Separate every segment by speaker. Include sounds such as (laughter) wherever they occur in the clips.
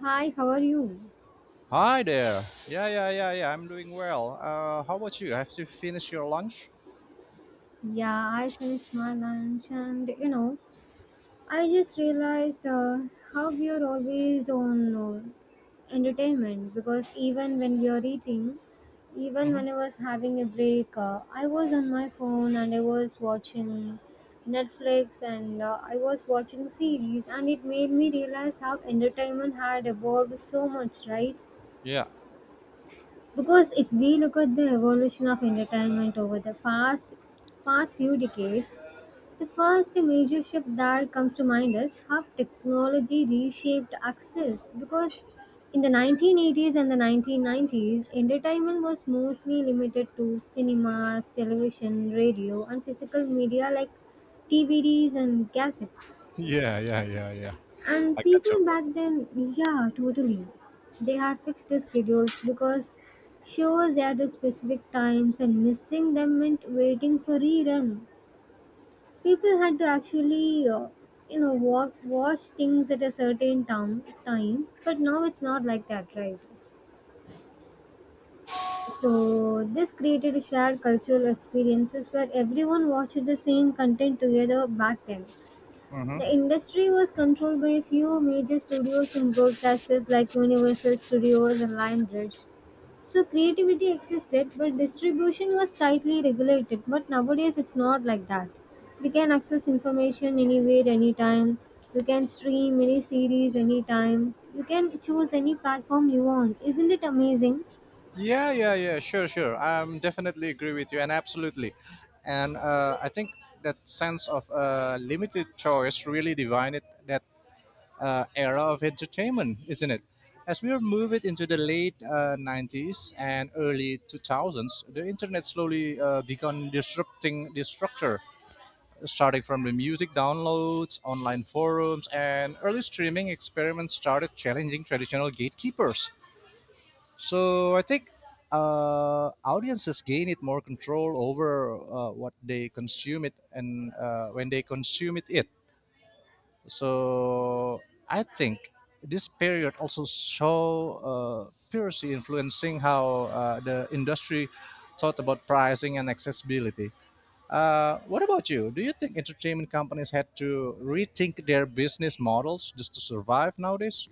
Speaker 1: Hi, how are you?
Speaker 2: Hi there. Yeah, yeah, yeah, yeah. I'm doing well. How about you? Have you finished your lunch?
Speaker 1: Yeah, I finished my lunch. And I just realized how we are always on entertainment, because even when we are eating, even
Speaker 2: Mm-hmm.
Speaker 1: when I was having a break, I was on my phone and I was watching Netflix, and I was watching series, and it made me realize how entertainment had evolved so much, right?
Speaker 2: Yeah.
Speaker 1: Because if we look at the evolution of entertainment over the past few decades, the first major shift that comes to mind is how technology reshaped access. Because in the 1980s and the 1990s, entertainment was mostly limited to cinemas, television, radio, and physical media like DVDs and cassettes.
Speaker 2: Yeah, yeah, yeah, yeah.
Speaker 1: And
Speaker 2: I got your
Speaker 1: people
Speaker 2: point.
Speaker 1: back then, yeah, totally. They had fixed their schedules because shows aired at specific times and missing them meant waiting for rerun. People had to actually, watch things at a certain time, but now it's not like that, right? So this created a shared cultural experiences where everyone watched the same content together back then.
Speaker 2: Mm-hmm.
Speaker 1: The industry was controlled by a few major studios and broadcasters like Universal Studios and Lionbridge. So creativity existed, but distribution was tightly regulated. But nowadays it's not like that. We can access information anywhere, anytime. You can stream any series anytime. You can choose any platform you want. Isn't it amazing?
Speaker 2: Yeah, yeah, yeah. Sure, sure. I'm definitely agree with you, and absolutely. And I think that sense of limited choice really divided that era of entertainment, isn't it? As we are moving into the late 90s and early 2000s, the internet slowly began disrupting the structure, starting from the music downloads, online forums, and early streaming experiments started challenging traditional gatekeepers. So I think audiences gained more control over what they consume it and when they consume it. So I think this period also saw piracy influencing how the industry thought about pricing and accessibility. What about you? Do you think entertainment companies had to rethink their business models just to survive nowadays?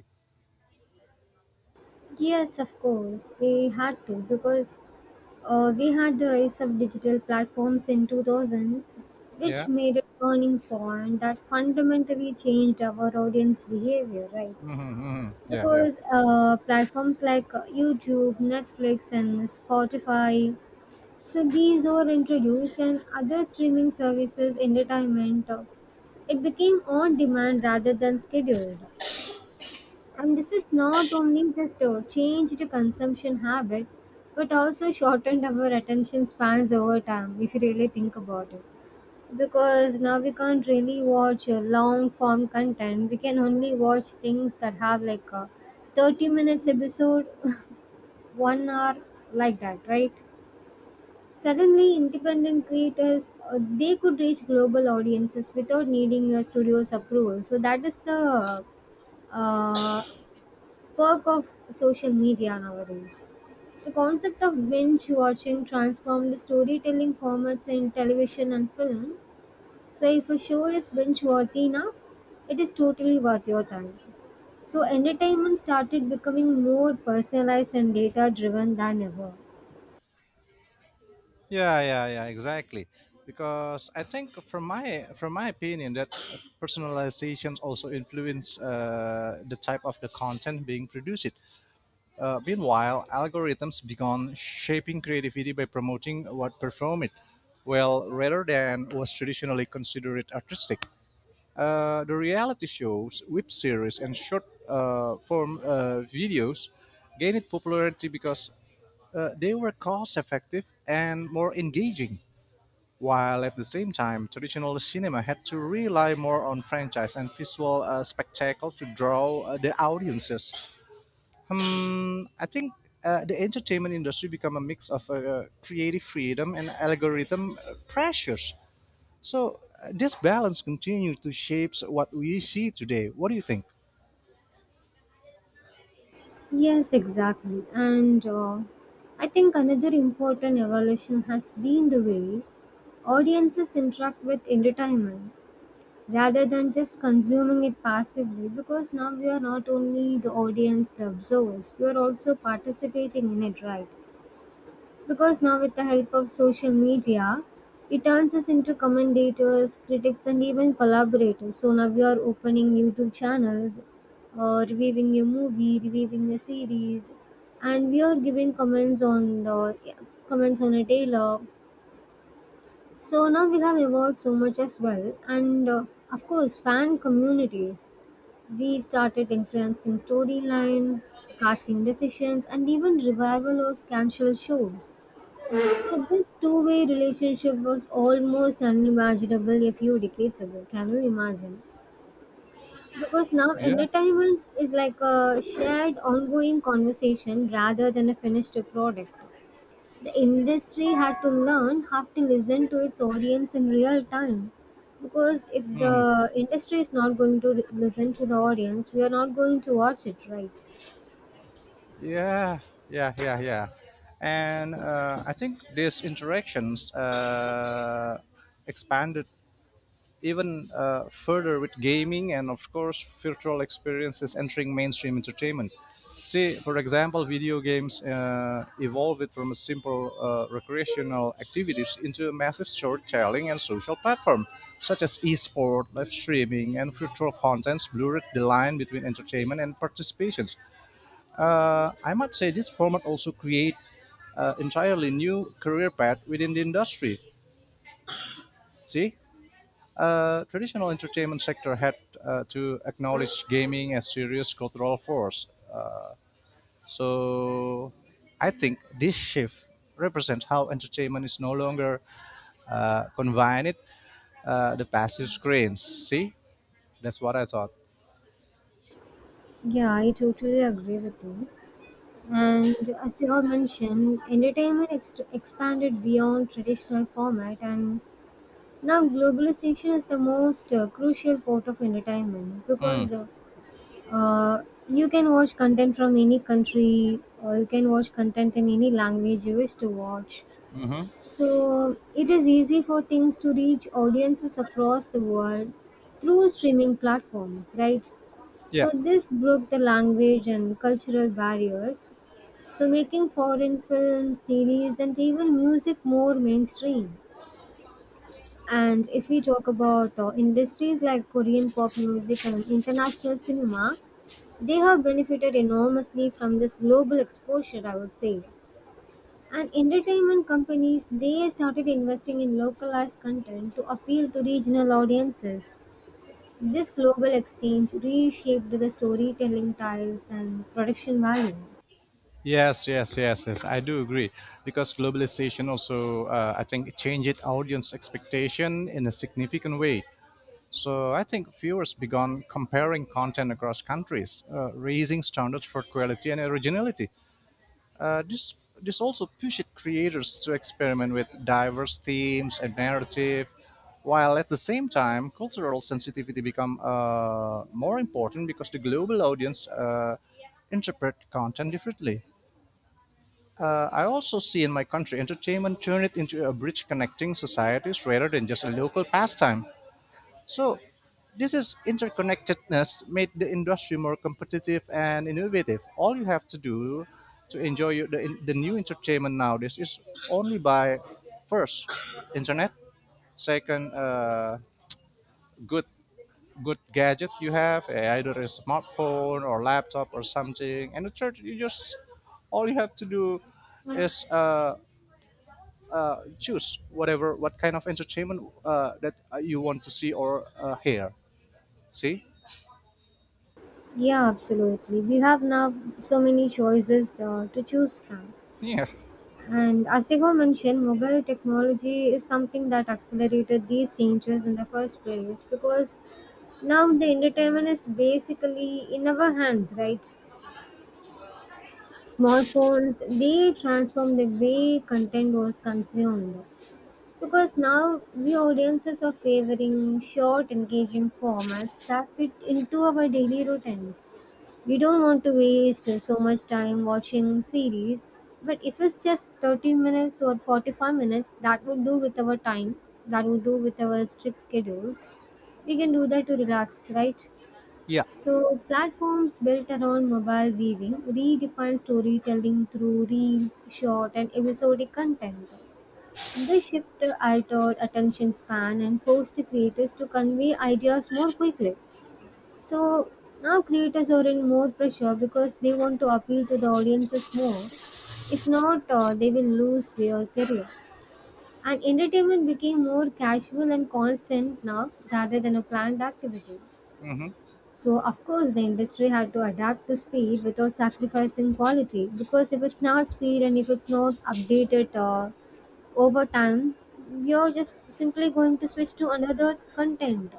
Speaker 1: Yes, of course. They had to, because we had the rise of digital platforms in 2000s, which
Speaker 2: Yeah.
Speaker 1: made a turning point that fundamentally changed our audience behavior, right?
Speaker 2: Mm-hmm. Yeah, yeah,
Speaker 1: Because platforms like YouTube, Netflix, and Spotify, so these were introduced, and other streaming services, entertainment, it became on demand rather than scheduled. And this is not only just a change to consumption habit, but also shortened our attention spans over time, if you really think about it. Because now we can't really watch long form content, we can only watch things that have like a 30 minutes episode, (laughs) 1 hour, like that, right? Suddenly, independent creators they could reach global audiences without needing a studio's approval. So that is the uh, perk of social media nowadays. The concept of binge watching transformed the storytelling formats in television and film. So, if a show is binge worthy now, it is totally worth your time. So, entertainment started becoming more personalized and data driven than ever.
Speaker 2: yeah, yeah, yeah. Exactly. Because I think, from my opinion, that personalizations also influence the type of the content being produced. Meanwhile, algorithms began shaping creativity by promoting what perform it, well rather than was traditionally considered artistic. The reality shows, web series, and short form videos gained popularity because they were cost effective and more engaging. While at the same time, traditional cinema had to rely more on franchise and visual spectacle to draw the audiences. Hmm, I think the entertainment industry became a mix of creative freedom and algorithm pressures. So this balance continues to shape what we see today. What do you think?
Speaker 1: Yes, exactly. And I think another important evolution has been the way audiences interact with entertainment, rather than just consuming it passively. Because now we are not only the audience, the observers, we are also participating in it, right? Because now, with the help of social media, it turns us into commentators, critics, and even collaborators. So now we are opening YouTube channels or reviewing a movie, reviewing a series, and we are giving comments on the comments on a tailor. So now we have evolved so much as well. And of course fan communities, we started influencing storyline, casting decisions, and even revival of cancelled shows. So this two-way relationship was almost unimaginable a few decades ago. Can you imagine? Because now
Speaker 2: Yeah.
Speaker 1: entertainment is like a shared ongoing conversation rather than a finished product. The industry had to learn, have to listen to its audience in real time. Because if
Speaker 2: Mhm.
Speaker 1: the industry is not going to listen to the audience, we are not going to watch it, right?
Speaker 2: Yeah, yeah, yeah, yeah. And I think these interactions expanded even further with gaming and of course virtual experiences entering mainstream entertainment. See, for example, video games evolved from a simple recreational activities into a massive storytelling and social platform, such as esport live streaming and virtual contents blurred the line between entertainment and participations. I might say this format also create entirely new career path within the industry. See, traditional entertainment sector had to acknowledge gaming as serious cultural force. So I think this shift represents how entertainment is no longer confined the passive screens. See, that's what I thought.
Speaker 1: Yeah, I totally agree with you. And as you have mentioned, entertainment expanded beyond traditional format, and now globalization is the most crucial part of entertainment,
Speaker 2: Mm.
Speaker 1: because you can watch content from any country or you can watch content in any language you wish to watch.
Speaker 2: Hmm.
Speaker 1: So it is easy for things to reach audiences across the world through streaming platforms, right?
Speaker 2: Yeah.
Speaker 1: So this broke the language and cultural barriers, so making foreign films, series, and even music more mainstream. And if we talk about industries like Korean pop music and international cinema, they have benefited enormously from this global exposure, I would say. And entertainment companies, they started investing in localized content to appeal to regional audiences. This global exchange reshaped the storytelling styles and production value.
Speaker 2: Yes, yes, yes, yes. I do agree because globalization also, I think, changed audience expectation in a significant way. So I think viewers began comparing content across countries, raising standards for quality and originality. Uh, this this also pushed creators to experiment with diverse themes and narrative, while at the same time cultural sensitivity become more important because the global audience interpret content differently. I also see in my country entertainment turn it into a bridge connecting societies rather than just a local pastime. So, this is interconnectedness made the industry more competitive and innovative. All you have to do to enjoy the new entertainment nowadays is only by, first, internet, second, good good gadget you have, eh, either a smartphone or laptop or something, and the third, you just all you have to do is choose whatever what kind of entertainment that you want to see or hear. See?
Speaker 1: Yeah, absolutely. We have now so many choices to choose from.
Speaker 2: Yeah.
Speaker 1: And as Sego mentioned, mobile technology is something that accelerated these changes in the first place, because now the entertainment is basically in our hands, right? Smartphones, they transform the way content was consumed, because now we audiences are favoring short engaging formats that fit into our daily routines. We don't want to waste so much time watching series, but if it's just 30 minutes or 45 minutes, that would do with our time, that would do with our strict schedules. We can do that to relax, right?
Speaker 2: Yeah.
Speaker 1: So, platforms built around mobile viewing redefine storytelling through reels, short, and episodic content. This shift altered attention span and forced creators to convey ideas more quickly. So, now creators are in more pressure because they want to appeal to the audiences more. If not, they will lose their career. And entertainment became more casual and constant now rather than a planned activity.
Speaker 2: Hmm.
Speaker 1: So, of course, the industry had to adapt to speed without sacrificing quality, because if it's not speed and if it's not updated over time, you're just simply going to switch to another content.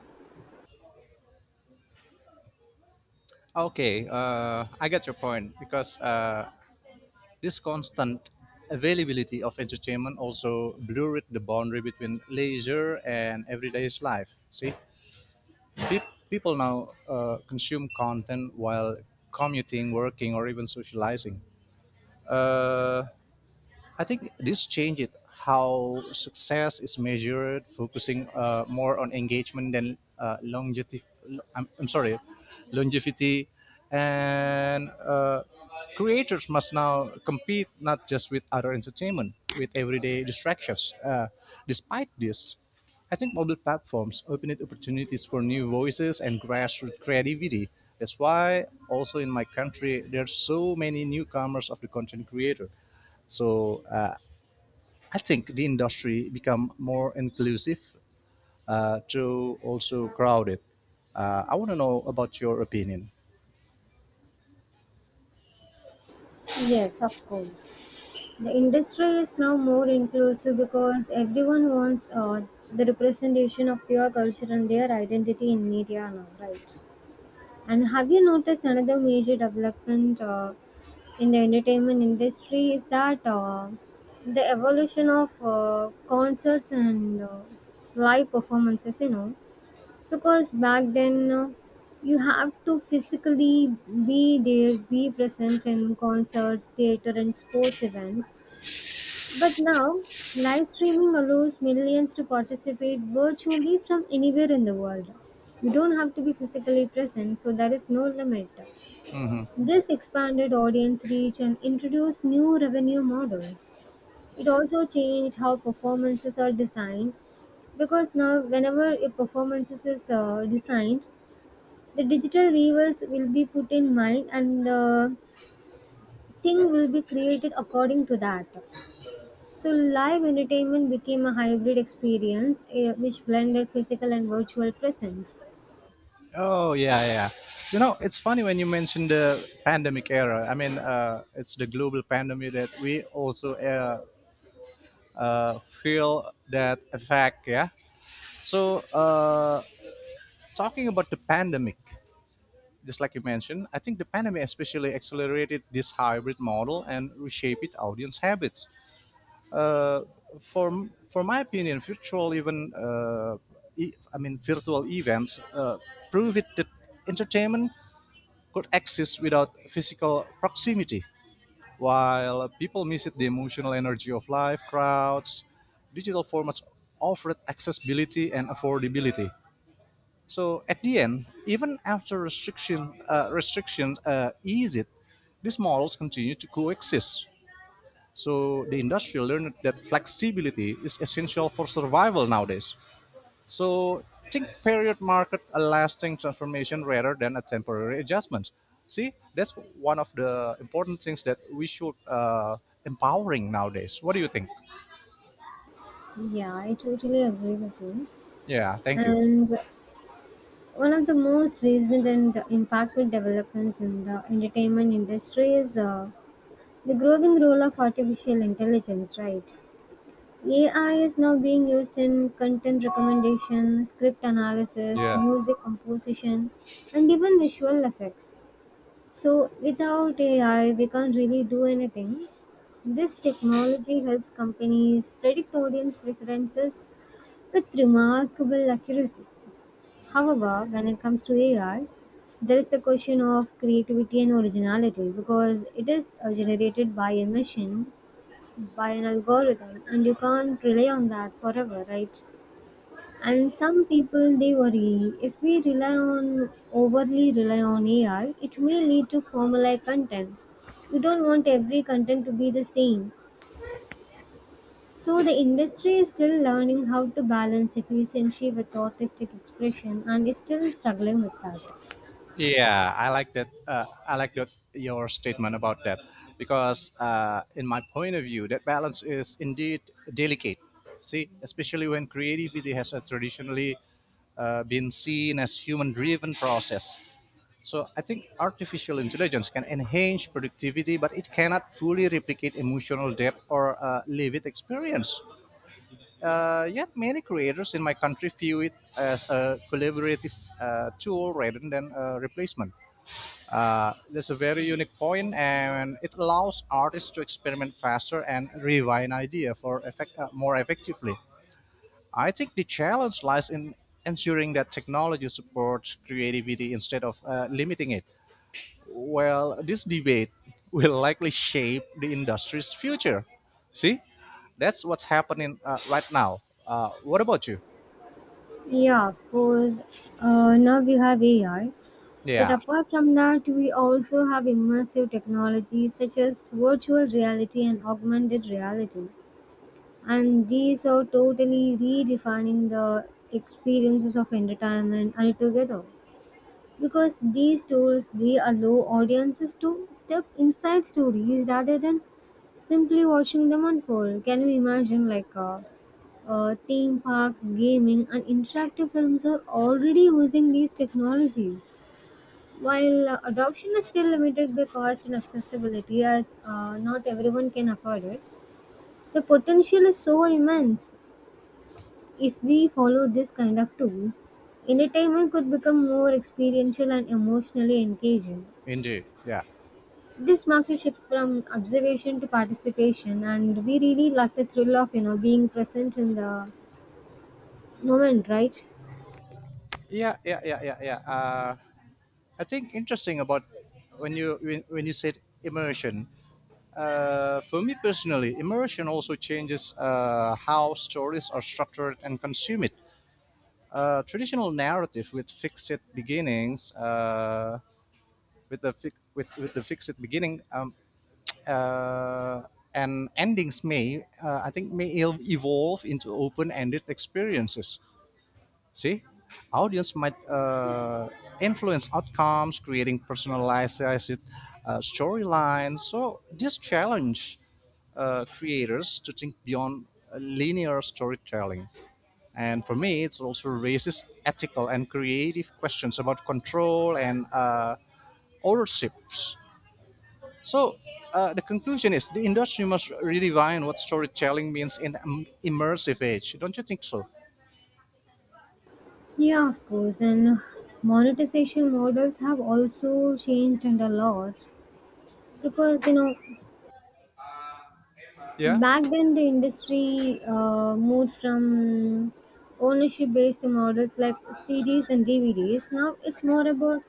Speaker 2: Okay, I get your point because this constant availability of entertainment also blurred the boundary between leisure and everyday life. See, people now consume content while commuting, working, or even socializing. Uh, I think this changed how success is measured, focusing more on engagement than longevity. I'm sorry, longevity, and creators must now compete not just with other entertainment, with everyday distractions. Despite this, I think mobile platforms open it opportunities for new voices and grassroots creativity. That's why also in my country there's so many newcomers of the content creator. So I think the industry become more inclusive to also crowded. I want to know about your opinion.
Speaker 1: Yes, of course. The industry is now more inclusive because everyone wants the representation of their culture and their identity in media now, right? And have you noticed another major development? In the entertainment industry is that the evolution of concerts and live performances, you know, because back then you have to physically be there, be present in concerts, theater, and sports events. But now, live streaming allows millions to participate virtually from anywhere in the world. You don't have to be physically present, so there is no limit. This expanded audience reach and introduced new revenue models. It also changed how performances are designed, because now, whenever a performance is designed, the digital viewers will be put in mind and the thing will be created according to that. So, live entertainment became a hybrid experience eh, which blended physical and virtual presence.
Speaker 2: Oh yeah, yeah. You know, it's funny when you mention the pandemic era. I mean, it's the global pandemic that we also feel that effect. Yeah. So talking about the pandemic, just like you mentioned, I think the pandemic especially accelerated this hybrid model and reshaped audience habits. uh, for for my opinion, virtual even I mean virtual events prove it that entertainment could exist without physical proximity. While people miss it, the emotional energy of live crowds, digital formats offered accessibility and affordability. So at the end, even after restriction restrictions ease it, these models continue to coexist, so the industry learned that flexibility is essential for survival nowadays. So think period market a lasting transformation rather than a temporary adjustment. See, that's one of the important things that we should empowering nowadays. What do you think?
Speaker 1: Yeah, I totally agree with you.
Speaker 2: Yeah, thank you.
Speaker 1: And one of the most recent and impactful developments in the entertainment industry is the growing role of artificial intelligence, right? AI is now being used in content recommendation, script analysis,
Speaker 2: Yeah.
Speaker 1: music composition, and even visual effects. So, without AI, we can't really do anything. This technology helps companies predict audience preferences with remarkable accuracy. However, when it comes to AI, there is the question of creativity and originality, because it is generated by a machine, by an algorithm, and you can't rely on that forever, right? And some people, they worry if we rely on, overly rely on AI, it may lead to formulaic content. You don't want every content to be the same. So the industry is still learning how to balance efficiency with artistic expression, and is still struggling with that.
Speaker 2: Yeah, I like that. I like that your statement about that because, in my point of view, that balance is indeed delicate. See, especially when creativity has traditionally been seen as human-driven process. So I think artificial intelligence can enhance productivity, but it cannot fully replicate emotional depth or lived experience. Yet many creators in my country view it as a collaborative tool rather than a replacement. That's a very unique point, and it allows artists to experiment faster and refine idea for effect, more effectively. I think the challenge lies in ensuring that technology supports creativity instead of limiting it. Well, this debate (laughs) will likely shape the industry's future. See, that's what's happening right now. What about you?
Speaker 1: Yeah, of course. Now we have AI. But
Speaker 2: Yeah,
Speaker 1: apart from that, we also have immersive technologies such as virtual reality and augmented reality. And these are totally redefining the experiences of entertainment altogether, because these tools, they allow audiences to step inside stories rather than simply watching them unfold. Can you imagine? Like theme parks, gaming, and interactive films are already using these technologies. While adoption is still limited by cost and accessibility, as not everyone can afford it, the potential is so immense. If we follow this kind of tools, entertainment could become more experiential and emotionally engaging.
Speaker 2: indeed. Yeah,
Speaker 1: This marks a shift from observation to participation, and we really like the thrill of, you know, being present in the moment, right?
Speaker 2: yeah, yeah, yeah, yeah, yeah. I think interesting about when you said immersion. For me personally, immersion also changes how stories are structured and consumed. Traditional narrative with fixed beginnings, with the fi- with the fixed beginning uh, and endings may, I think, evolve into open-ended experiences. See, audience might influence outcomes, creating personalized storylines. So this challenge creators to think beyond linear storytelling. And for me, it also raises ethical and creative questions about control and ownerships. So the conclusion is the industry must redefine what storytelling means in an immersive age. Don't you think so?
Speaker 1: Yeah, of course. And monetization models have also changed, and a lot, because you know,
Speaker 2: Yeah.
Speaker 1: back then the industry moved from ownership based models like CDs and DVDs. Now it's more about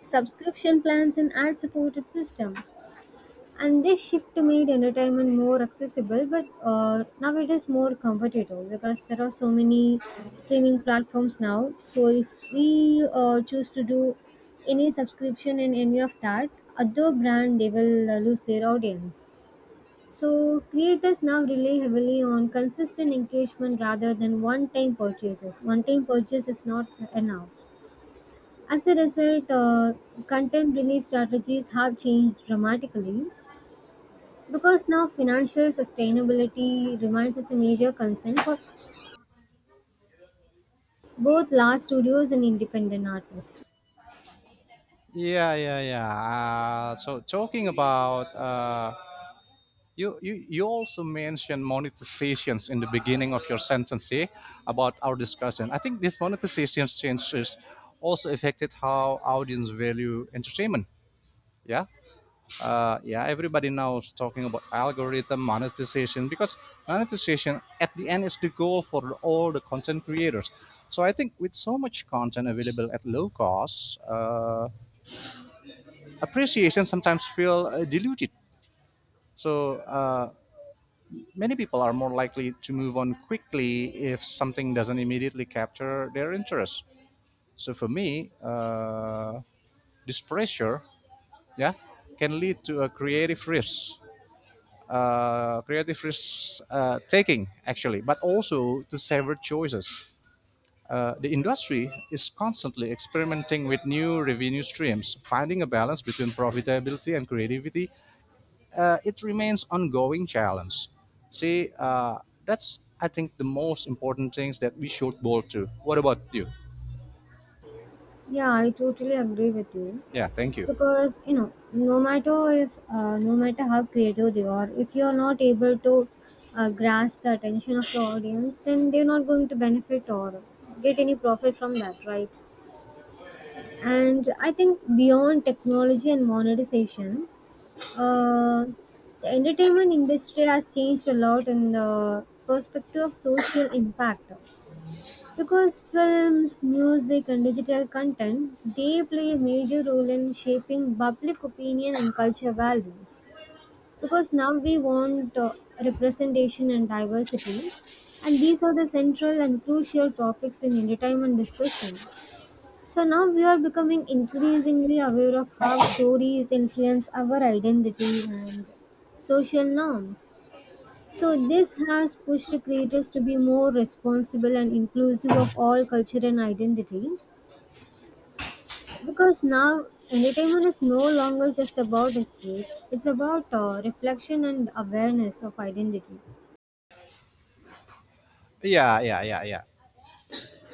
Speaker 1: subscription plans and ad supported system. And this shift made entertainment more accessible, but now it is more comfortable because there are so many streaming platforms now. So if we choose to do any subscription in any of that, other brand, they will lose their audience. So creators now rely heavily on consistent engagement rather than one time purchases. One time purchase is not enough. As a result, content release strategies have changed dramatically, because now financial sustainability remains as a major concern for both large studios and independent artists.
Speaker 2: Yeah, yeah, yeah. So talking about you also mentioned monetizations in the beginning of your sentence here about our discussion. I think these monetizations changes also affected how audience value entertainment. Yeah, yeah. Everybody now is talking about algorithm monetization because monetization at the end is the goal for all the content creators. So I think with so much content available at low cost. Appreciation sometimes feel diluted. So many people are more likely to move on quickly if something doesn't immediately capture their interest. So for me, this pressure, yeah, can lead to a creative risk taking actually, but also to severed choices. The industry is constantly experimenting with new revenue streams, finding a balance between profitability and creativity. It remains ongoing challenge. See, that's I think the most important things that we should go to. What about you?
Speaker 1: Yeah, I totally agree with you.
Speaker 2: Yeah, thank you.
Speaker 1: Because you know, no matter if no matter how creative they are, if you are not able to grasp the attention of the audience, then they're not going to benefit or get any profit from that, right? And I think beyond technology and monetization, Uh, the entertainment industry has changed a lot in the perspective of social impact because films, music and digital content, they play a major role in shaping public opinion and culture values because now we want representation and diversity, and these are the central and crucial topics in entertainment discussion. So now we are becoming increasingly aware of how stories influence our identity and social norms. So this has pushed creators to be more responsible and inclusive of all culture and identity because now entertainment is no longer just about escape, it's about reflection and awareness of identity.
Speaker 2: Yeah, yeah, yeah, yeah.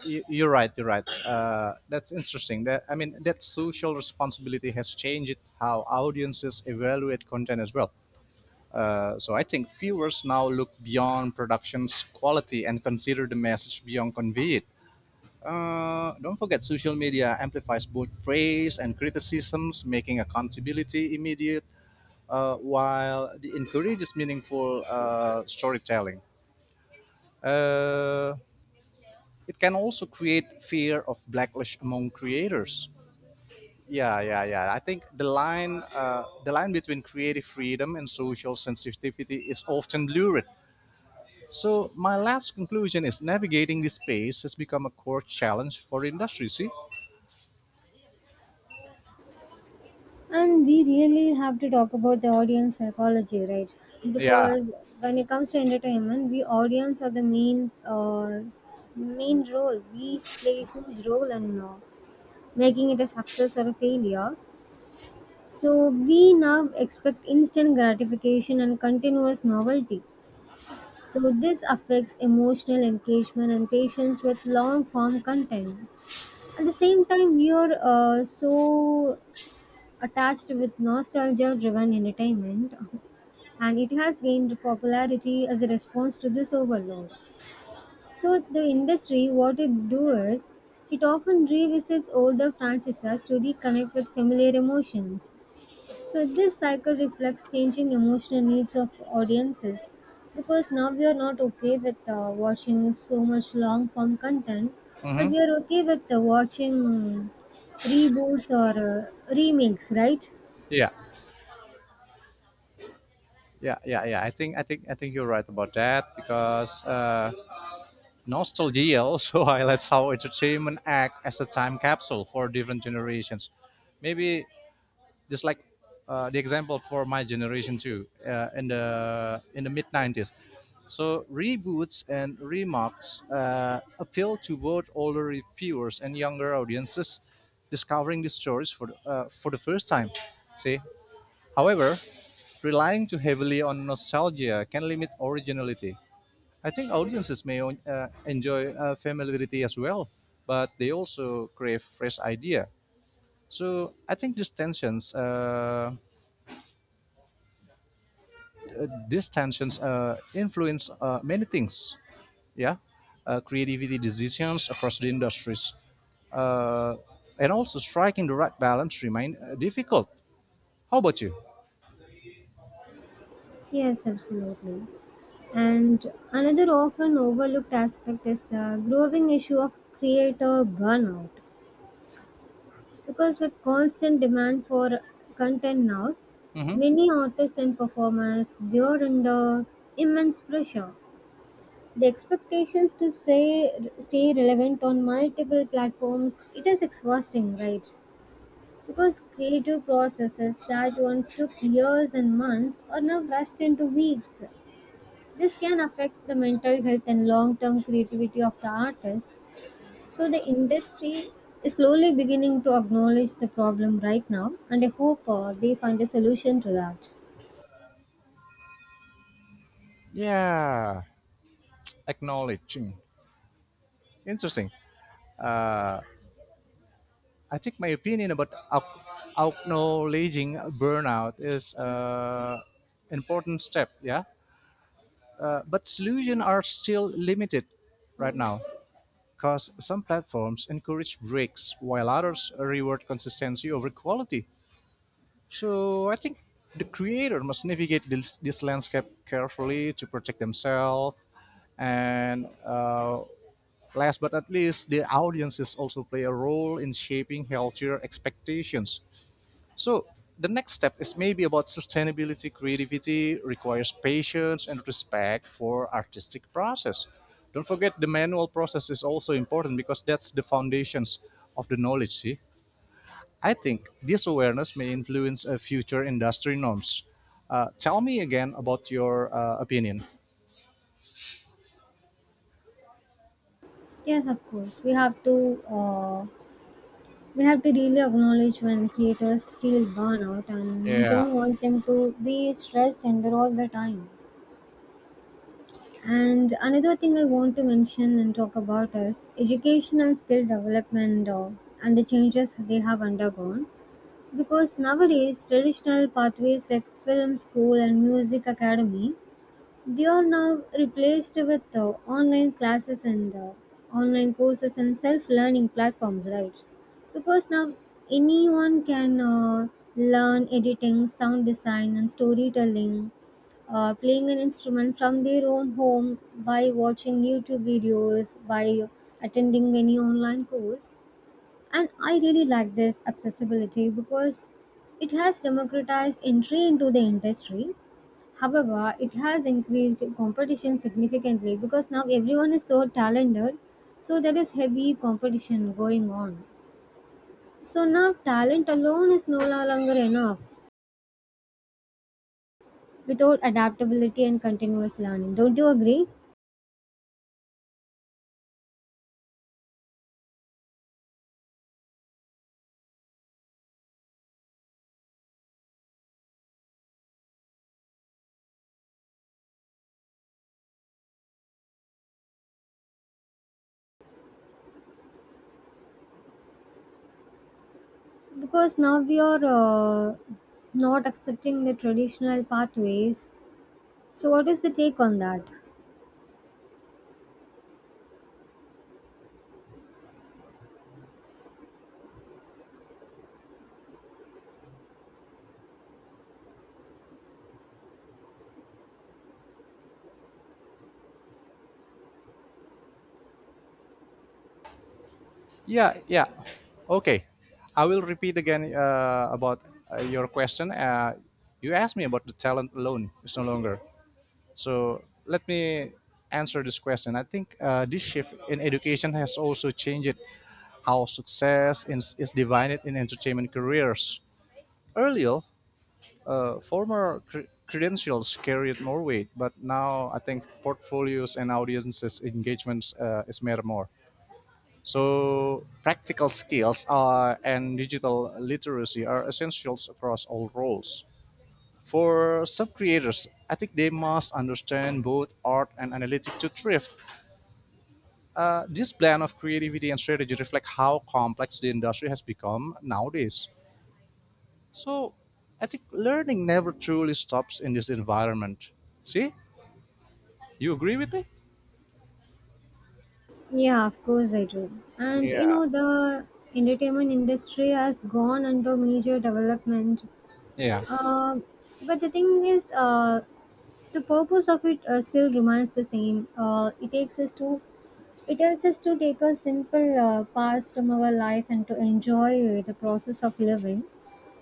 Speaker 2: You're right. You're right. That's interesting. That, I mean, that social responsibility has changed how audiences evaluate content as well. So I think viewers now look beyond production's quality and consider the message beyond conveyed. Don't forget, social media amplifies both praise and criticisms, making accountability immediate, while it encourages meaningful storytelling. Uh, it can also create fear of backlash among creators. Yeah, yeah, yeah. I think the line between creative freedom and social sensitivity is often blurred. So my last conclusion is navigating this space has become a core challenge for industry. See?
Speaker 1: And we really have to talk about the audience psychology, right?
Speaker 2: Yeah.
Speaker 1: Because when it comes to entertainment, we audience are the main main role. We play a huge role in making it a success or a failure. So we now expect instant gratification and continuous novelty. So this affects emotional engagement and patience with long form content. At the same time, we are so attached with nostalgia driven entertainment, and it has gained popularity as a response to this overload. So, the industry, what it do is, it often revisits older franchises to reconnect with familiar emotions. So, this cycle reflects changing emotional needs of audiences because now we are not okay with watching so much long form content, but
Speaker 2: Mm-hmm.
Speaker 1: we are okay with watching reboots or remakes, right?
Speaker 2: Yeah. Yeah, yeah, yeah. I think you're right about that because nostalgia also (laughs) highlights how entertainment act as a time capsule for different generations. Maybe just like the example for my generation too in the mid '90s. So reboots and remakes appeal to both older viewers and younger audiences, discovering these stories for the first time. See, however, relying too heavily on nostalgia can limit originality. I think audiences may enjoy familiarity as well, but they also crave fresh idea. So I think these tensions influence many things. Yeah, creativity decisions across the industries, uh, and also striking the right balance remain difficult. How about you?
Speaker 1: Yes, absolutely. And another often overlooked aspect is the growing issue of creator burnout. Because with constant demand for content now,
Speaker 2: Hmm.
Speaker 1: many artists and performers, they are under immense pressure. The expectations to say stay relevant on multiple platforms, it is exhausting, right? Because creative processes that once took years and months are now rushed into weeks. This can affect the mental health and long term creativity of the artist. So, the industry is slowly beginning to acknowledge the problem right now, and I hope they find a solution to that.
Speaker 2: Yeah. Acknowledging, interesting. I think my opinion about acknowledging burnout is an important step, yeah. But solutions are still limited right now because some platforms encourage breaks while others reward consistency over quality. So I think the creator must navigate this landscape carefully to protect themselves, and last but not least, the audiences also play a role in shaping healthier expectations. So the next step is maybe about sustainability. Creativity requires patience and respect for artistic process. Don't forget the manual process is also important because that's the foundations of the knowledge. See, I think this awareness may influence future industry norms. Tell me again about your opinion.
Speaker 1: Yes, of course, we have to. We have to really acknowledge when creators feel burnout and we
Speaker 2: Yeah,
Speaker 1: don't want them to be stressed under all the time. And another thing I want to mention and talk about is education and skill development, and the changes they have undergone. Because nowadays traditional pathways like film school and music academy, they are now replaced with online classes and online courses and self-learning platforms, right? Because now anyone can learn editing, sound design, and storytelling, playing an instrument from their own home by watching YouTube videos, by attending any online course. And I really like this accessibility because it has democratized entry into the industry. However, it has increased competition significantly because now everyone is so talented, so there is heavy competition going on. So now talent alone is no longer enough without adaptability and continuous learning. Don't you agree? Because now we are not accepting the traditional pathways. So, what is the take on that?
Speaker 2: yeah, yeah. Okay, I will repeat again about your question. You asked me about the talent alone is no longer. So let me answer this question. I think this shift in education has also changed how success is divided in entertainment careers. Earlier, former credentials carried more weight, but now I think portfolios and audiences engagements is matter more. So practical skills are, and digital literacy are essentials across all roles. For some creators, I think they must understand both art and analytics to thrive. This blend of creativity and strategy reflects how complex the industry has become nowadays. So, I think learning never truly stops in this environment. See, you agree with me?
Speaker 1: Yeah, of course I do. And you
Speaker 2: Yeah,
Speaker 1: know, the entertainment industry has gone under major development.
Speaker 2: yeah,
Speaker 1: Uh, but the thing is, the purpose of it still remains the same. It takes us to, it tells us to take a simple pass from our life and to enjoy the process of living.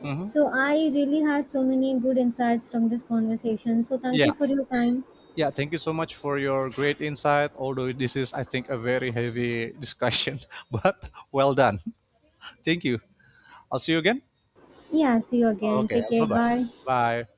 Speaker 2: hmm,
Speaker 1: So I really had so many good insights from this conversation. So thank
Speaker 2: yeah,
Speaker 1: you for your time.
Speaker 2: yeah. Thank you so much for your great insight. Although this is, I think, a very heavy discussion, (laughs) but well done. Thank you. I'll see you again.
Speaker 1: Yeah, see you again.
Speaker 2: Okay,
Speaker 1: Take
Speaker 2: bye
Speaker 1: care.
Speaker 2: bye.
Speaker 1: Bye.
Speaker 2: Bye.